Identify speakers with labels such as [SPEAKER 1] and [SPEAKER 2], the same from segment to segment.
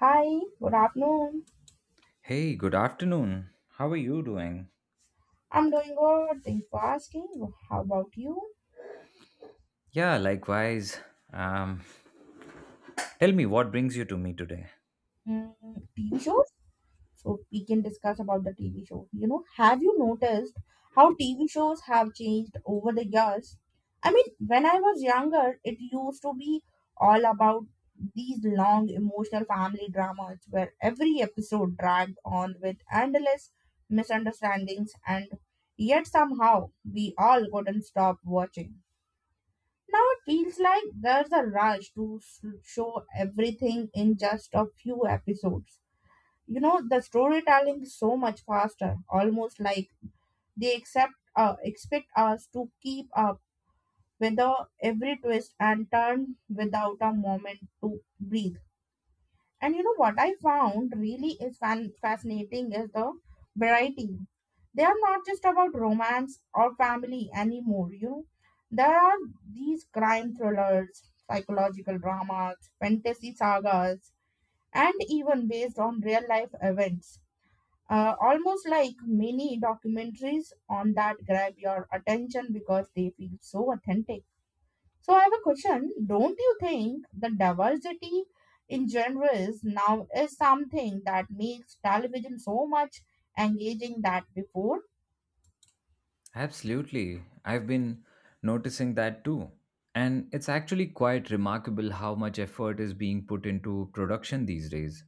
[SPEAKER 1] Hi, good afternoon.
[SPEAKER 2] Hey, good afternoon. How are you doing?
[SPEAKER 1] I'm doing good. Thanks for asking. How about you?
[SPEAKER 2] Yeah, likewise. Um, tell me what brings you to me today.
[SPEAKER 1] Mm, TV shows? So we can discuss about the TV show. You know, have you noticed how TV shows have changed over the years? I mean, when I was younger, it used to be all about these long emotional family dramas where every episode dragged on with endless misunderstandings, and yet somehow we all couldn't stop watching. Now it feels like there's a rush to show everything in just a few episodes. You know, the storytelling is so much faster, almost like they expect us to keep up with the every twist and turn without a moment to breathe. And you know what I found fascinating is the variety. They are not just about romance or family anymore, you know. There are these crime thrillers, psychological dramas, fantasy sagas, and even based on real life events. Almost like mini documentaries on that grab your attention because they feel so authentic. So I have a question. Don't you think the diversity in genres now is something that makes television so much engaging that before?
[SPEAKER 2] Absolutely. I've been noticing that too. And it's actually quite remarkable how much effort is being put into production these days.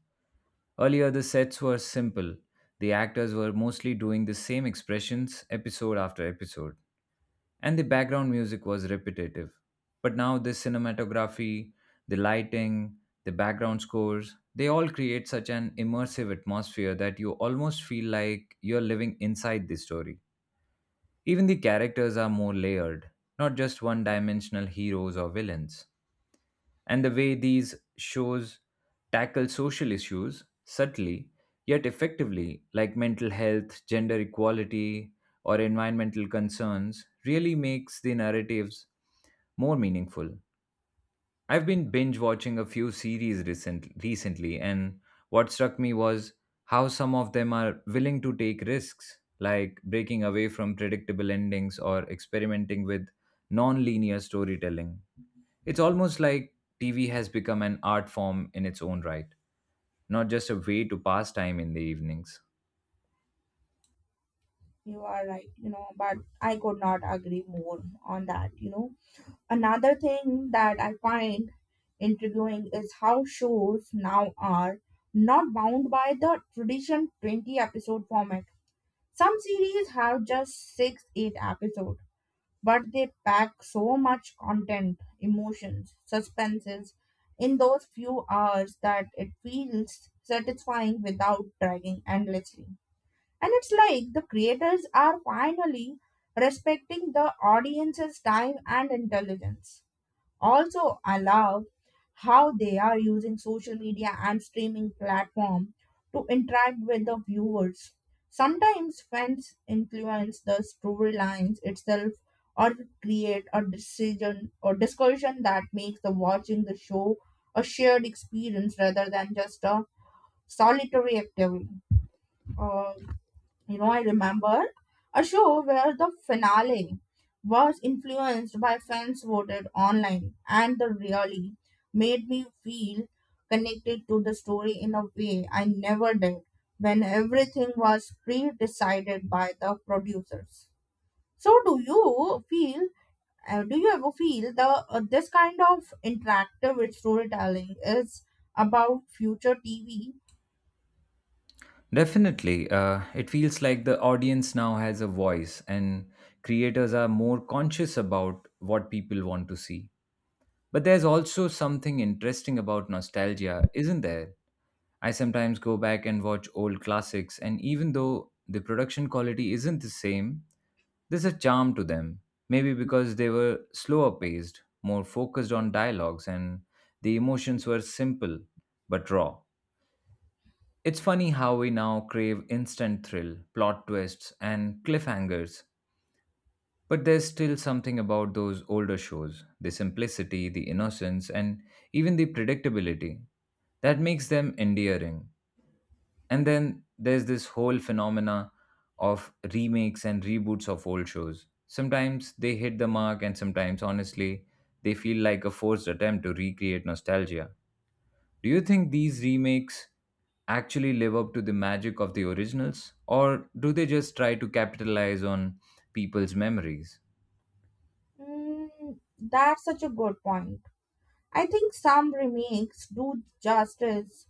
[SPEAKER 2] Earlier, the sets were simple, the actors were mostly doing the same expressions episode after episode, and the background music was repetitive. But now, the cinematography, the lighting, the background scores, they all create such an immersive atmosphere that you almost feel like you're living inside the story. Even the characters are more layered, not just one dimensional heroes or villains, and the way these shows tackle social issues subtly yet effectively, like mental health, gender equality, or environmental concerns, really makes the narratives more meaningful. I've been binge watching a few series recently, and what struck me was how some of them are willing to take risks, like breaking away from predictable endings or experimenting with non linear storytelling. It's almost like TV has become an art form in its own right, not just a way to pass time in the evenings.
[SPEAKER 1] You are right, you know, but I could not agree more on that, you know. Another thing that I find intriguing is how shows now are not bound by the tradition 20 episode format. Some series have just 6 8 episodes, but they pack so much content, emotions, suspenses in those few hours that it feels satisfying without dragging endlessly. And it's like the creators are finally respecting the audience's time and intelligence. Also, I love how they are using social media and streaming platform to interact with the viewers. Sometimes fans influence the storylines itself or create a decision or discussion that makes the watching the show a shared experience rather than just a solitary activity. Uh, you know, I remember a show where the finale was influenced by fans voted online, and the really made me feel connected to the story in a way I never did when everything was pre decided by the producers. So, do you ever feel the this kind of interactive with storytelling is about future TV?
[SPEAKER 2] Definitely, it feels like the audience now has a voice, and creators are more conscious about what people want to see. But there's also something interesting about nostalgia, isn't there? I sometimes go back and watch old classics, and even though the production quality isn't the same, there's a charm to them. Maybe because they were slower paced, more focused on dialogues, and the emotions were simple but raw. It's funny how we now crave instant thrill, plot twists, and cliffhangers. But there's still something about those older shows, the simplicity, the innocence, and even the predictability, that makes them endearing. And then there's this whole phenomena of remakes and reboots of old shows. Sometimes they hit the mark, and sometimes, honestly, they feel like a forced attempt to recreate nostalgia. Do you think these remakes actually live up to the magic of the originals, or do they just try to capitalize on people's memories?
[SPEAKER 1] Mm, that's such a good point. I think some remakes do justice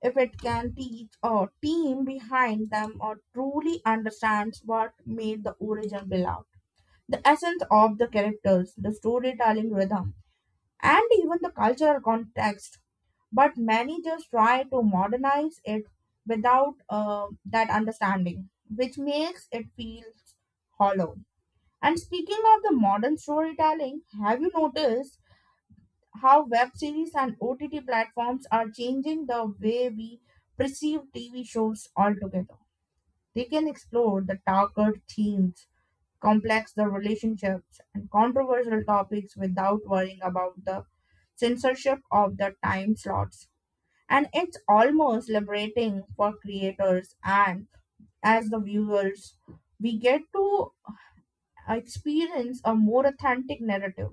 [SPEAKER 1] if it can teach a team behind them or truly understands what made the original beloved. The essence of the characters, the storytelling rhythm, and even the cultural context. But many just try to modernize it without that understanding, which makes it feel hollow. And speaking of the modern storytelling, have you noticed how web series and OTT platforms are changing the way we perceive TV shows altogether. They can explore the darker themes, complex the relationships, and controversial topics without worrying about the censorship of the time slots. And it's almost liberating for creators, and as the viewers, we get to experience a more authentic narrative.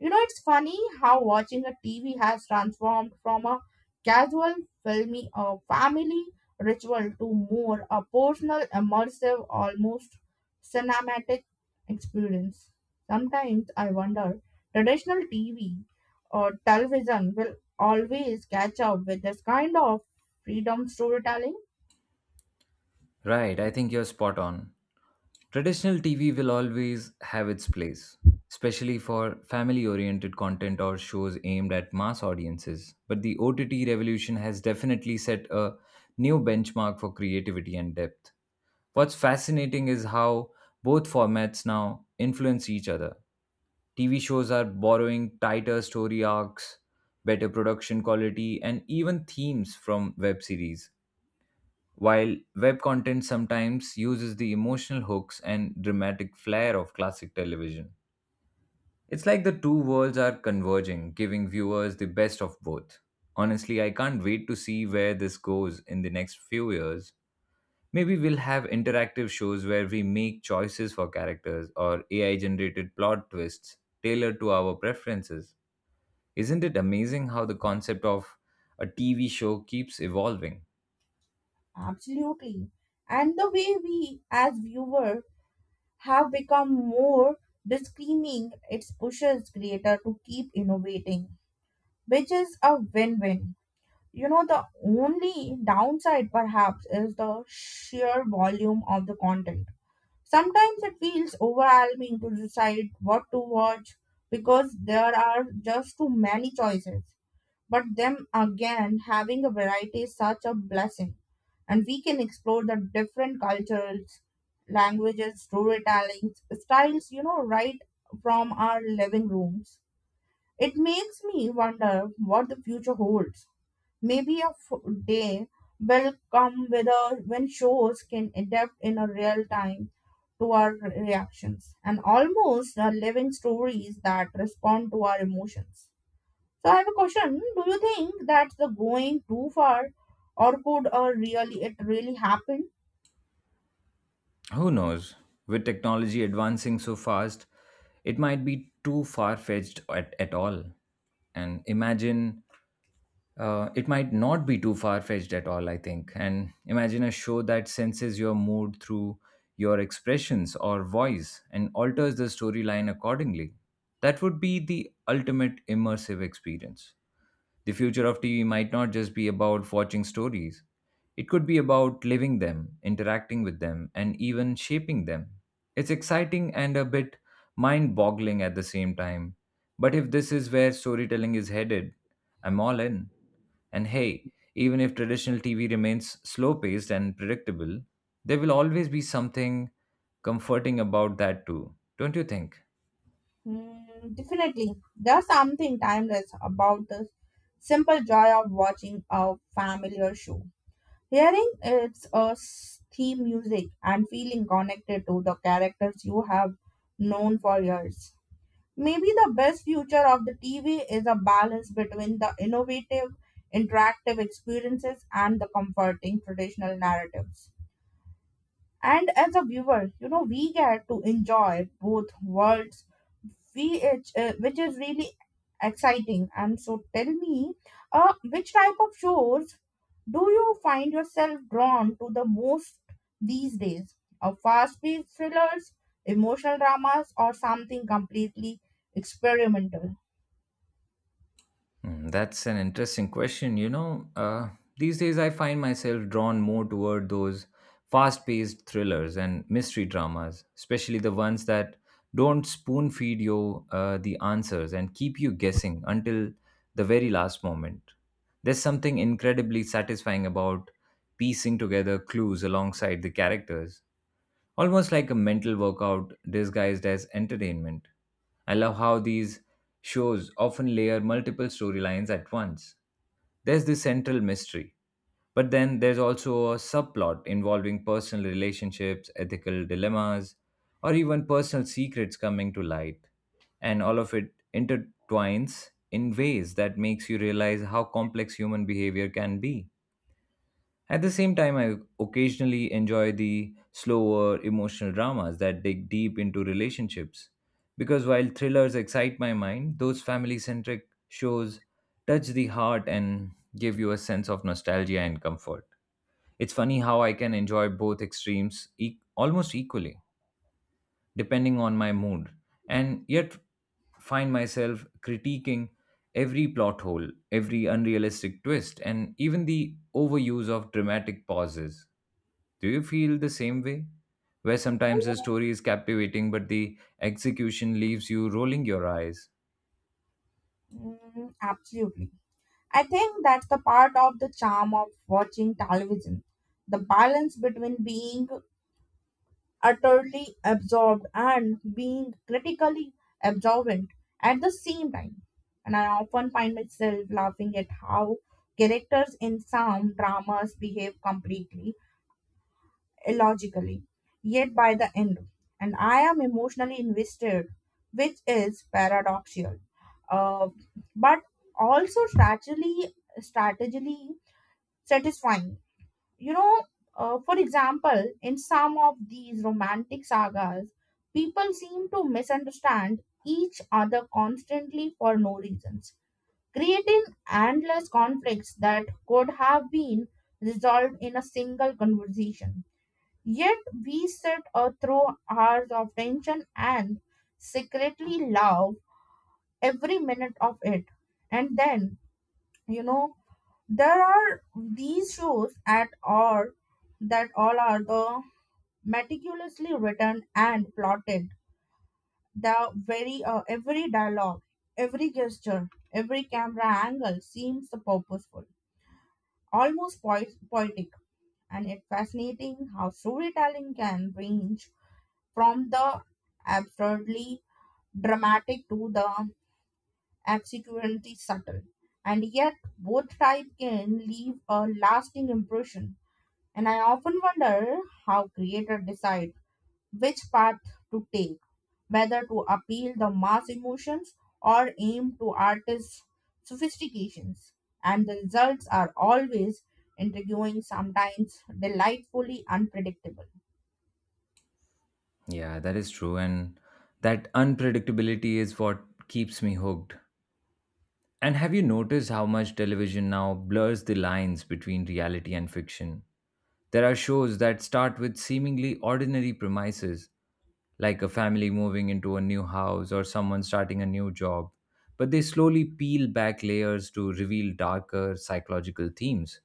[SPEAKER 1] You know, it's funny how watching a TV has transformed from a casual filmy or family ritual to more a personal, immersive, almost cinematic experience. Sometimes I wonder, traditional TV or television will always catch up with this kind of freedom storytelling?
[SPEAKER 2] Right, I think you're spot on. Traditional TV will always have its place, especially for family oriented content or shows aimed at mass audiences. But the OTT revolution has definitely set a new benchmark for creativity and depth. What's fascinating is how both formats now influence each other. TV shows are borrowing tighter story arcs, better production quality, and even themes from web series, while web content sometimes uses the emotional hooks and dramatic flair of classic television. It's like the two worlds are converging, giving viewers the best of both. Honestly, I can't wait to see where this goes in the next few years. Maybe we'll have interactive shows where we make choices for characters or AI generated plot twists tailored to our preferences. Isn't it amazing how the concept of a TV show keeps evolving?
[SPEAKER 1] Absolutely. And the way we, as viewer, have become more disclaiming it pushes creator to keep innovating, which is a win-win. You know, the only downside perhaps is the sheer volume of the content. Sometimes it feels overwhelming to decide what to watch because there are just too many choices. But them again, having a variety is such a blessing, and we can explore the different cultures, languages, storytelling styles, you know, right from our living rooms. It makes me wonder what the future holds. Maybe a day will come when shows can adapt in a real time to our reactions and almost are living stories that respond to our emotions. So I have a question. Do you think that's the going too far, or could really it really happen?
[SPEAKER 2] Who knows? With technology advancing so fast, it might be too far fetched at all. And imagine it might not be too far fetched at all, I think. And imagine a show that senses your mood through your expressions or voice and alters the storyline accordingly. That would be the ultimate immersive experience. The future of TV might not just be about watching stories, it could be about living them, interacting with them, and even shaping them. It's exciting and a bit mind boggling at the same time. But if this is where storytelling is headed, I'm all in. And hey, even if traditional TV remains slow paced and predictable, there will always be something comforting about that too, don't you think?
[SPEAKER 1] Hmm, definitely, there's something timeless about the simple joy of watching a familiar show, hearing its theme music, and feeling connected to the characters you have known for years. Maybe the best future of the TV is a balance between the innovative, interactive experiences and the comforting traditional narratives. And as a viewer, you know, we get to enjoy both worlds. Which is really exciting. And so tell me, which type of shows do you find yourself drawn to the most these days? A fast paced thrillers, emotional dramas, or something completely experimental?
[SPEAKER 2] Hmm, that's an interesting question. You know, these days I find myself drawn more toward those fast paced thrillers and mystery dramas, especially the ones that don't spoon feed you the answers and keep you guessing until the very last moment. There's something incredibly satisfying about piecing together clues alongside the characters. Almost like a mental workout disguised as entertainment. I love how these shows often layer multiple storylines at once. There's the central mystery, but then there's also a subplot involving personal relationships, ethical dilemmas, or even personal secrets coming to light. And all of it intertwines in ways that makes you realize how complex human behavior can be. At the same time, I occasionally enjoy the slower emotional dramas that dig deep into relationships. Because while thrillers excite my mind, those family centric shows touch the heart and give you a sense of nostalgia and comfort. It's funny how I can enjoy both extremes almost equally depending on my mood, and yet find myself critiquing every plot hole, every unrealistic twist, and even the overuse of dramatic pauses. Do you feel the same way? Where sometimes the story is captivating, but the execution leaves you rolling your eyes.
[SPEAKER 1] Mm, absolutely. I think that's the part of the charm of watching television. The balance between being utterly absorbed and being critically absorbent at the same time. And I often find myself laughing at how characters in some dramas behave completely illogically, yet by the end, and I am emotionally invested, which is paradoxical, uh, but also strategically satisfying. you know, for example, in some of these romantic sagas, people seem to misunderstand each other constantly for no reasons, creating endless conflicts that could have been resolved in a single conversation. Yet we sit through hours of tension and secretly love every minute of it. And then, you know, there are these shows at all that all are the meticulously written and plotted. The very every dialogue, every gesture, every camera angle seems purposeful, almost poetic, and it's fascinating how storytelling can range from the absurdly dramatic to the absolutely subtle, and yet both type can leave a lasting impression. And I often wonder how creators decide which path to take, whether to appeal the mass emotions or aim to artists' sophistications. And the results are always intriguing, sometimes delightfully unpredictable.
[SPEAKER 2] Yeah, that is true. And that unpredictability is what keeps me hooked. And have you noticed how much television now blurs the lines between reality and fiction? There are shows that start with seemingly ordinary premises, like a family moving into a new house or someone starting a new job, but they slowly peel back layers to reveal darker psychological themes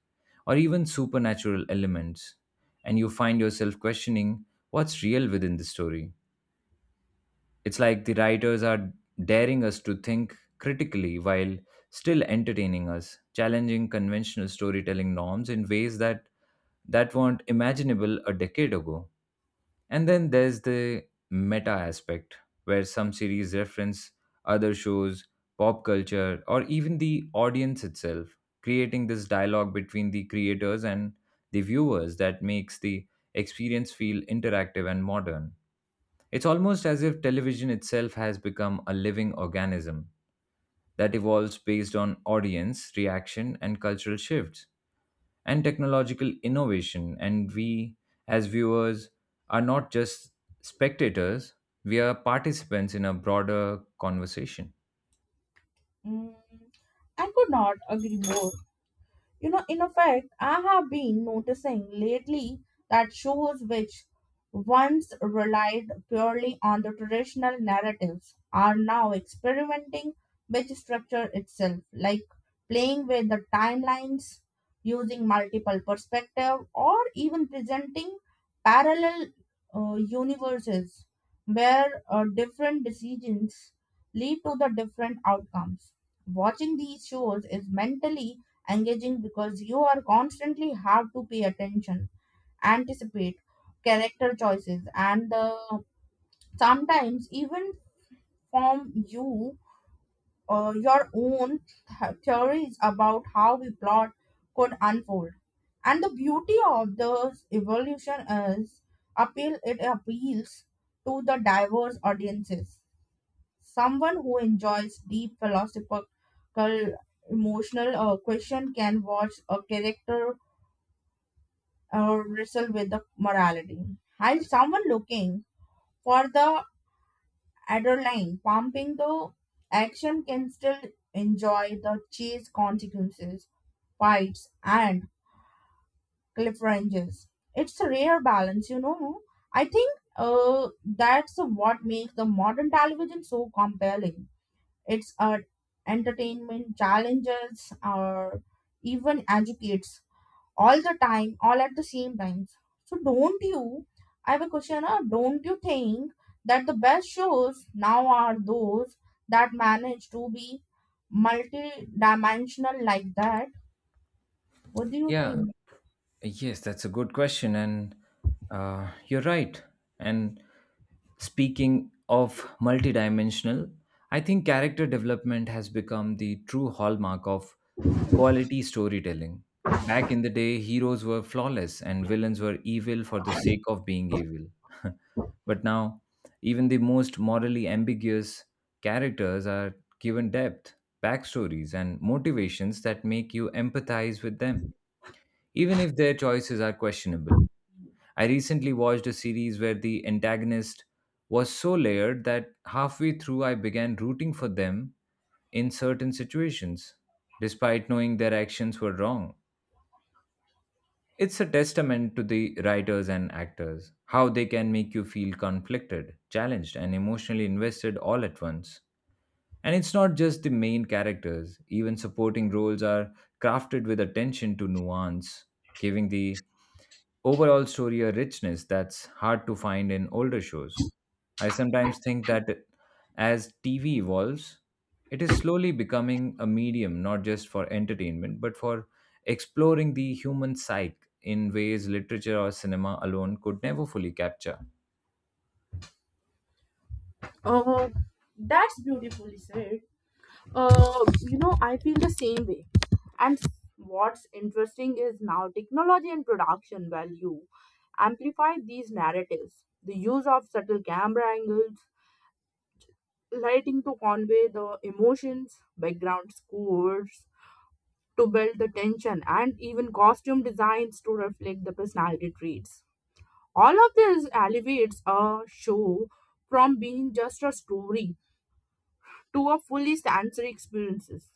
[SPEAKER 2] or even supernatural elements, and you find yourself questioning what's real within the story. It's like the writers are daring us to think critically while still entertaining us, challenging conventional storytelling norms in ways that weren't imaginable a decade ago. And then there's the meta aspect, where some series reference other shows, pop culture, or even the audience itself, creating this dialogue between the creators and the viewers that makes the experience feel interactive and modern. It's almost as if television itself has become a living organism that evolves based on audience reaction and cultural shifts and technological innovation. And we, as viewers, are not just spectators, we are participants in a broader conversation.
[SPEAKER 1] Mm, I could not agree more. You know, in effect, I have been noticing lately that shows which once relied purely on the traditional narratives are now experimenting with structure itself, like playing with the timelines, using multiple perspective, or even presenting parallel universes where different decisions lead to the different outcomes. Watching these shows is mentally engaging because you are constantly have to pay attention, anticipate character choices, and sometimes even form you your own theories about how the plot could unfold. And the beauty of this evolution is appeals to the diverse audiences. Someone who enjoys deep philosophical emotional question can watch a character wrestle with the morality. Has someone looking for the adrenaline pumping, the action can still enjoy the chase consequences, fights, and cliffhangers. It's a rare balance, you know. I think that's what makes the modern television so compelling. It's Entertainment, challenges, or even educates all the time, all at the same time. So don't you, I have a question, don't you think that the best shows now are those that manage to be multi-dimensional like that? What do you
[SPEAKER 2] Yeah,
[SPEAKER 1] think?
[SPEAKER 2] yes, that's a good question. And you're right. And speaking of multidimensional, I think character development has become the true hallmark of quality storytelling. Back in the day, heroes were flawless and villains were evil for the sake of being evil. But now, even the most morally ambiguous characters are given depth, backstories, and motivations that make you empathize with them, even if their choices are questionable. I recently watched a series where the antagonist was so layered that halfway through I began rooting for them in certain situations, despite knowing their actions were wrong. It's a testament to the writers and actors, how they can make you feel conflicted, challenged, and emotionally invested all at once. And it's not just the main characters, even supporting roles are crafted with attention to nuance, giving the overall story a richness that's hard to find in older shows. I sometimes think that as TV evolves, it is slowly becoming a medium not just for entertainment but for exploring the human psyche in ways literature or cinema alone could never fully capture.
[SPEAKER 1] Uh, that's beautifully said. You know, I feel the same way. And what's interesting is now technology and production value amplify these narratives. The use of subtle camera angles, lighting to convey the emotions, background scores to build the tension, and even costume designs to reflect the personality traits. All of this elevates a show from being just a story to a fully sensory experiences.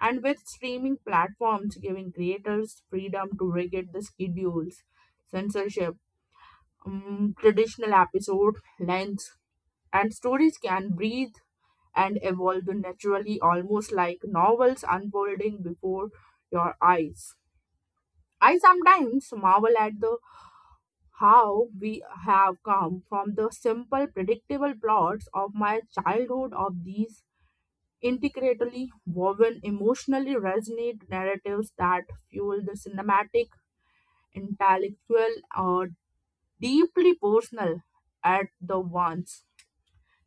[SPEAKER 1] And with streaming platforms giving creators freedom to regulate the schedules, censorship, traditional episode lengths, and stories can breathe and evolve naturally, almost like novels unfolding before your eyes. I sometimes marvel at the how we have come from the simple, predictable plots of my childhood of these intricately woven, emotionally resonant narratives that fuel the cinematic, intellectual, or deeply personal at the once.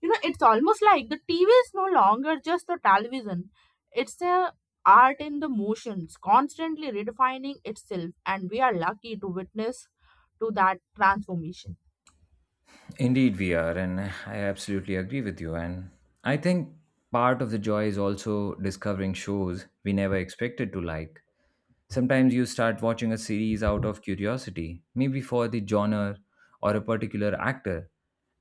[SPEAKER 1] You know, it's almost like the tv is no longer just the television. It's a art in the motions constantly redefining itself, and we are lucky to witness to that transformation.
[SPEAKER 2] Indeed, we are, and I absolutely agree with you. And I think part of the joy is also discovering shows we never expected to like. Sometimes you start watching a series out of curiosity, maybe for the genre or a particular actor,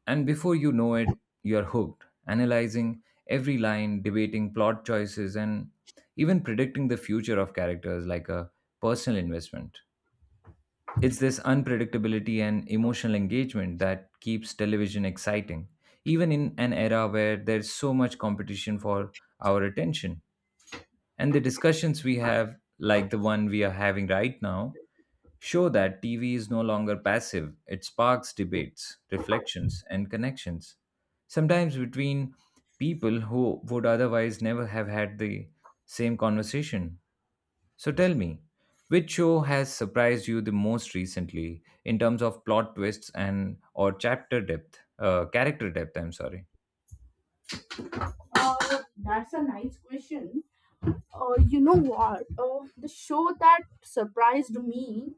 [SPEAKER 2] and before you know it, you're hooked, analyzing every line, debating plot choices, and even predicting the future of characters like a personal investment. It's this unpredictability and emotional engagement that keeps television exciting, even in an era where there's so much competition for our attention. And the discussions we have, like the one we are having right now, show that TV is no longer passive. It sparks debates, reflections, and connections, sometimes between people who would otherwise never have had the same conversation. So tell me, which show has surprised you the most recently in terms of plot twists and or chapter depth, character depth? I'm sorry.
[SPEAKER 1] uh, that's a nice question. You know what, the show that surprised me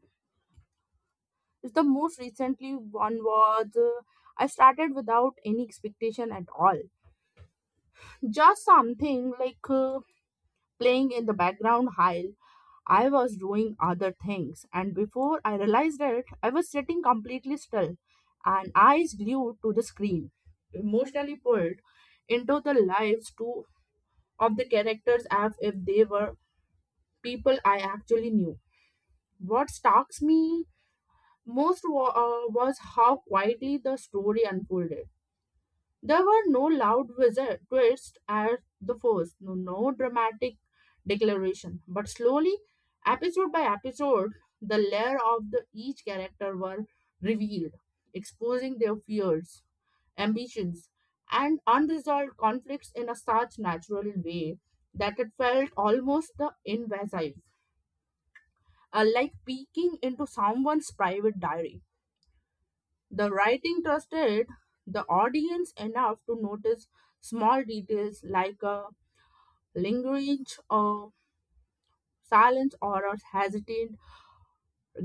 [SPEAKER 1] is the most recently one was I started without any expectation at all, just something like playing in the background while I was doing other things. And before I realized it, I was sitting completely still and eyes glued to the screen, emotionally pulled into the lives too of the characters as if they were people I actually knew. What stalks me most was how quietly the story unfolded. There were no loud wizard twists at the first, no dramatic declaration, but slowly, episode by episode, the layer of the each character were revealed, exposing their fears, ambitions, and unresolved conflicts in a such natural way that it felt almost the invasive, like peeking into someone's private diary. The writing trusted the audience enough to notice small details like a lingering silence or a hesitant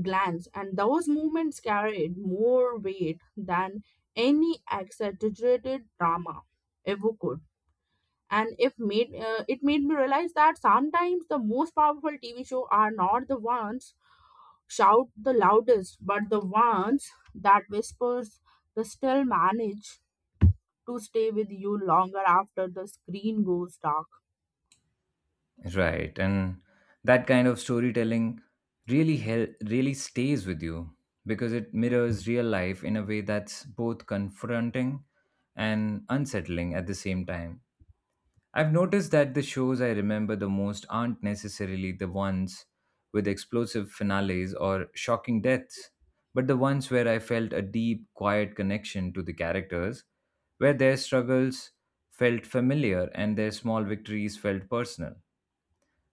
[SPEAKER 1] glance, and those movements carried more weight than any exaggerated drama ever could. And if made, it made me realize that sometimes the most powerful TV show are not the ones shout the loudest, but the ones that whispers the still manage to stay with you longer after the screen goes dark.
[SPEAKER 2] Right, and that kind of storytelling really stays with you because it mirrors real life in a way that's both confronting and unsettling at the same time. I've noticed that the shows I remember the most aren't necessarily the ones with explosive finales or shocking deaths, but the ones where I felt a deep, quiet connection to the characters, where their struggles felt familiar and their small victories felt personal.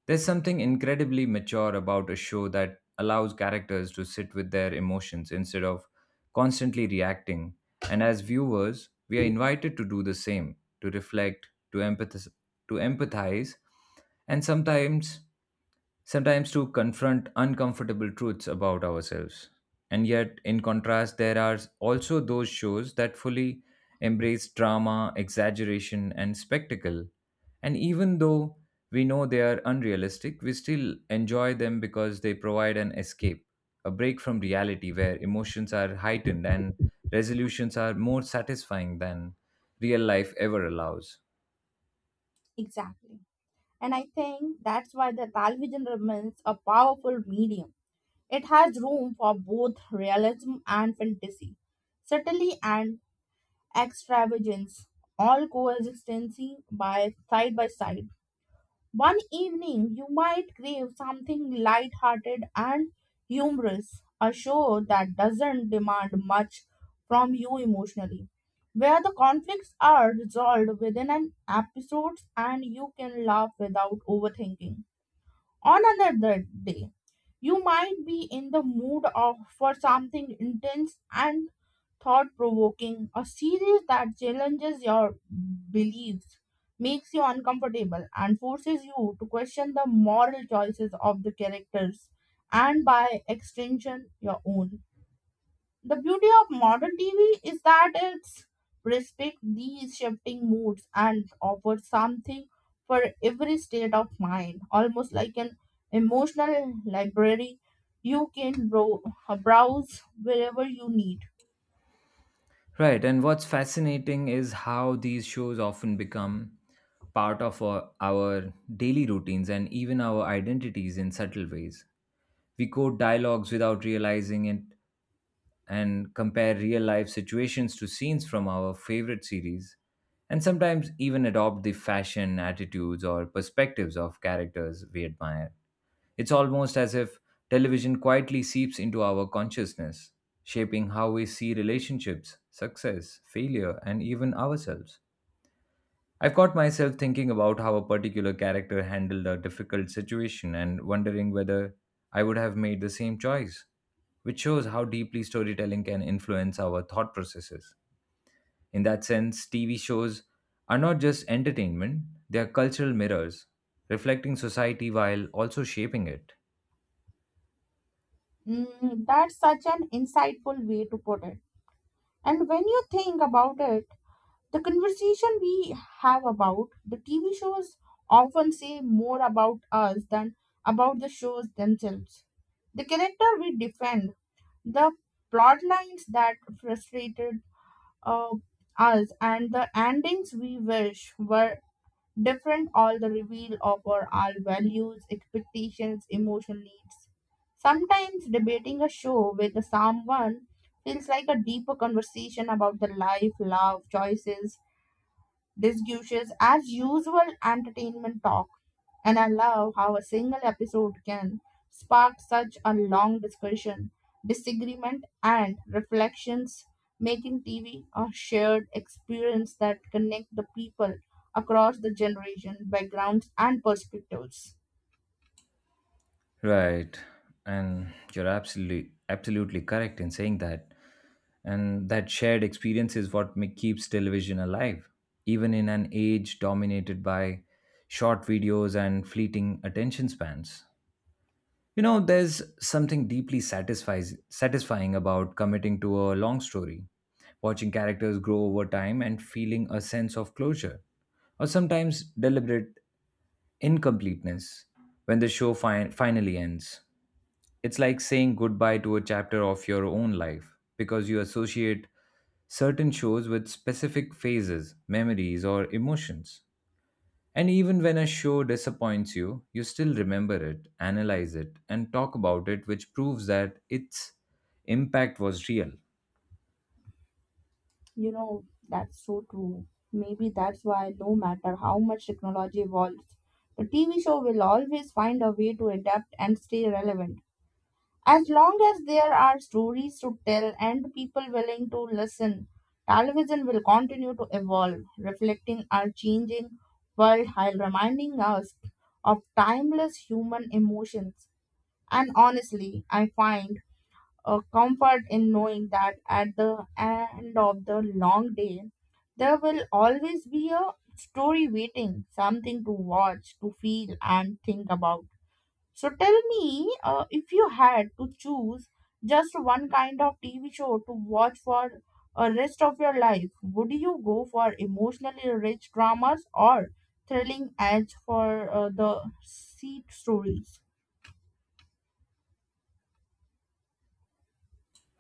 [SPEAKER 2] There's something incredibly mature about a show that allows characters to sit with their emotions instead of constantly reacting. And as viewers, we are invited to do the same, to reflect, to empathize, and sometimes to confront uncomfortable truths about ourselves. And yet, in contrast, there are also those shows that fully embrace drama, exaggeration, and spectacle, and even though we know they are unrealistic, we still enjoy them because they provide an escape, a break from reality where emotions are heightened and resolutions are more satisfying than real life ever allows.
[SPEAKER 1] Exactly. And I think that's why the television remains a powerful medium. It has room for both realism and fantasy, subtlety and extravagance, all coexisting by side by side. One evening, you might crave something light-hearted and humorous, a show that doesn't demand much from you emotionally, where the conflicts are resolved within an episode and you can laugh without overthinking. On another day, you might be in the for something intense and thought provoking, a series that challenges your beliefs, makes you uncomfortable, and forces you to question the moral choices of the characters and by extension your own. The beauty of modern TV is that it's respects these shifting moods and offers something for every state of mind, almost like an emotional library you can browse wherever you need.
[SPEAKER 2] Right, and what's fascinating is how these shows often become part of our daily routines and even our identities in subtle ways. We quote dialogues without realizing it, and compare real life situations to scenes from our favorite series, and sometimes even adopt the fashion, attitudes, or perspectives of characters we admire. It's almost as if television quietly seeps into our consciousness, shaping how we see relationships, success, failure, and even ourselves. I've caught myself thinking about how a particular character handled a difficult situation and wondering whether I would have made the same choice, which shows how deeply storytelling can influence our thought processes. In that sense, TV shows are not just entertainment, they are cultural mirrors, reflecting society while also shaping it.
[SPEAKER 1] Mm, that's such an insightful way to put it. And when you think about it, the conversation we have about the TV shows often say more about us than about the shows themselves. The character we defend, the plot lines that frustrated uh, us, and the endings we wish were different all the reveal of our values, expectations, emotional needs. Sometimes debating a show with someone feels like a deeper conversation about the life, love, choices, discussions, as usual entertainment talk. And I love how a single episode can spark such a long discussion, disagreement, and reflections, making TV a shared experience that connect the people across the generation, backgrounds, and perspectives.
[SPEAKER 2] Right. And you're absolutely correct in saying that. And that shared experience is what keeps television alive, even in an age dominated by short videos and fleeting attention spans. You know, there's something satisfying about committing to a long story, watching characters grow over time and feeling a sense of closure, or sometimes deliberate incompleteness when the show finally ends. It's like saying goodbye to a chapter of your own life because you associate certain shows with specific phases, memories, or emotions. And even when a show disappoints you, you still remember it, analyze it, and talk about it, which proves that its impact was real.
[SPEAKER 1] You know, that's so true. Maybe that's why, no matter how much technology evolves, the TV show will always find a way to adapt and stay relevant. As long as there are stories to tell and people willing to listen, television will continue to evolve, reflecting our changing world while reminding us of timeless human emotions. And honestly, I find a comfort in knowing that at the end of the long day, there will always be a story waiting, something to watch, to feel, and think about. So tell me, if you had to choose just one kind of TV show to watch for a rest of your life, would you go for emotionally rich dramas or thrilling edge for the seek stories?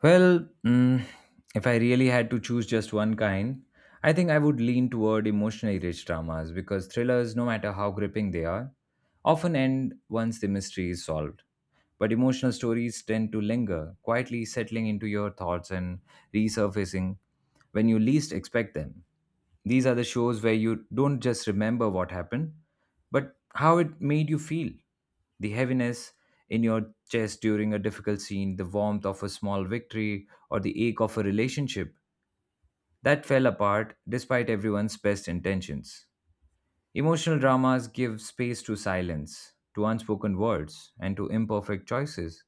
[SPEAKER 2] Well, mm, if I really had to choose just one kind, I think I would lean toward emotionally rich dramas because thrillers, no matter how gripping they are, often end once the mystery is solved. But emotional stories tend to linger, quietly settling into your thoughts and resurfacing when you least expect them. These are the shows where you don't just remember what happened, but how it made you feel. The heaviness in your chest during a difficult scene, the warmth of a small victory, or the ache of a relationship that fell apart despite everyone's best intentions. Emotional dramas give space to silence, to unspoken words, and to imperfect choices.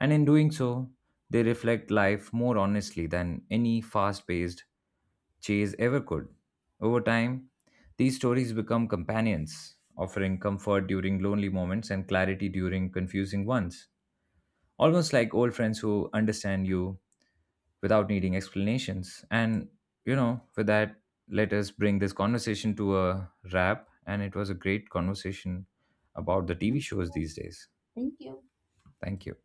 [SPEAKER 2] And in doing so, they reflect life more honestly than any fast paced chase ever could. Over time, these stories become companions, offering comfort during lonely moments and clarity during confusing ones. Almost like old friends who understand you without needing explanations. And, you know, with that, let us bring this conversation to a wrap. And it was a great conversation about the TV shows these days.
[SPEAKER 1] Thank you.
[SPEAKER 2] Thank you.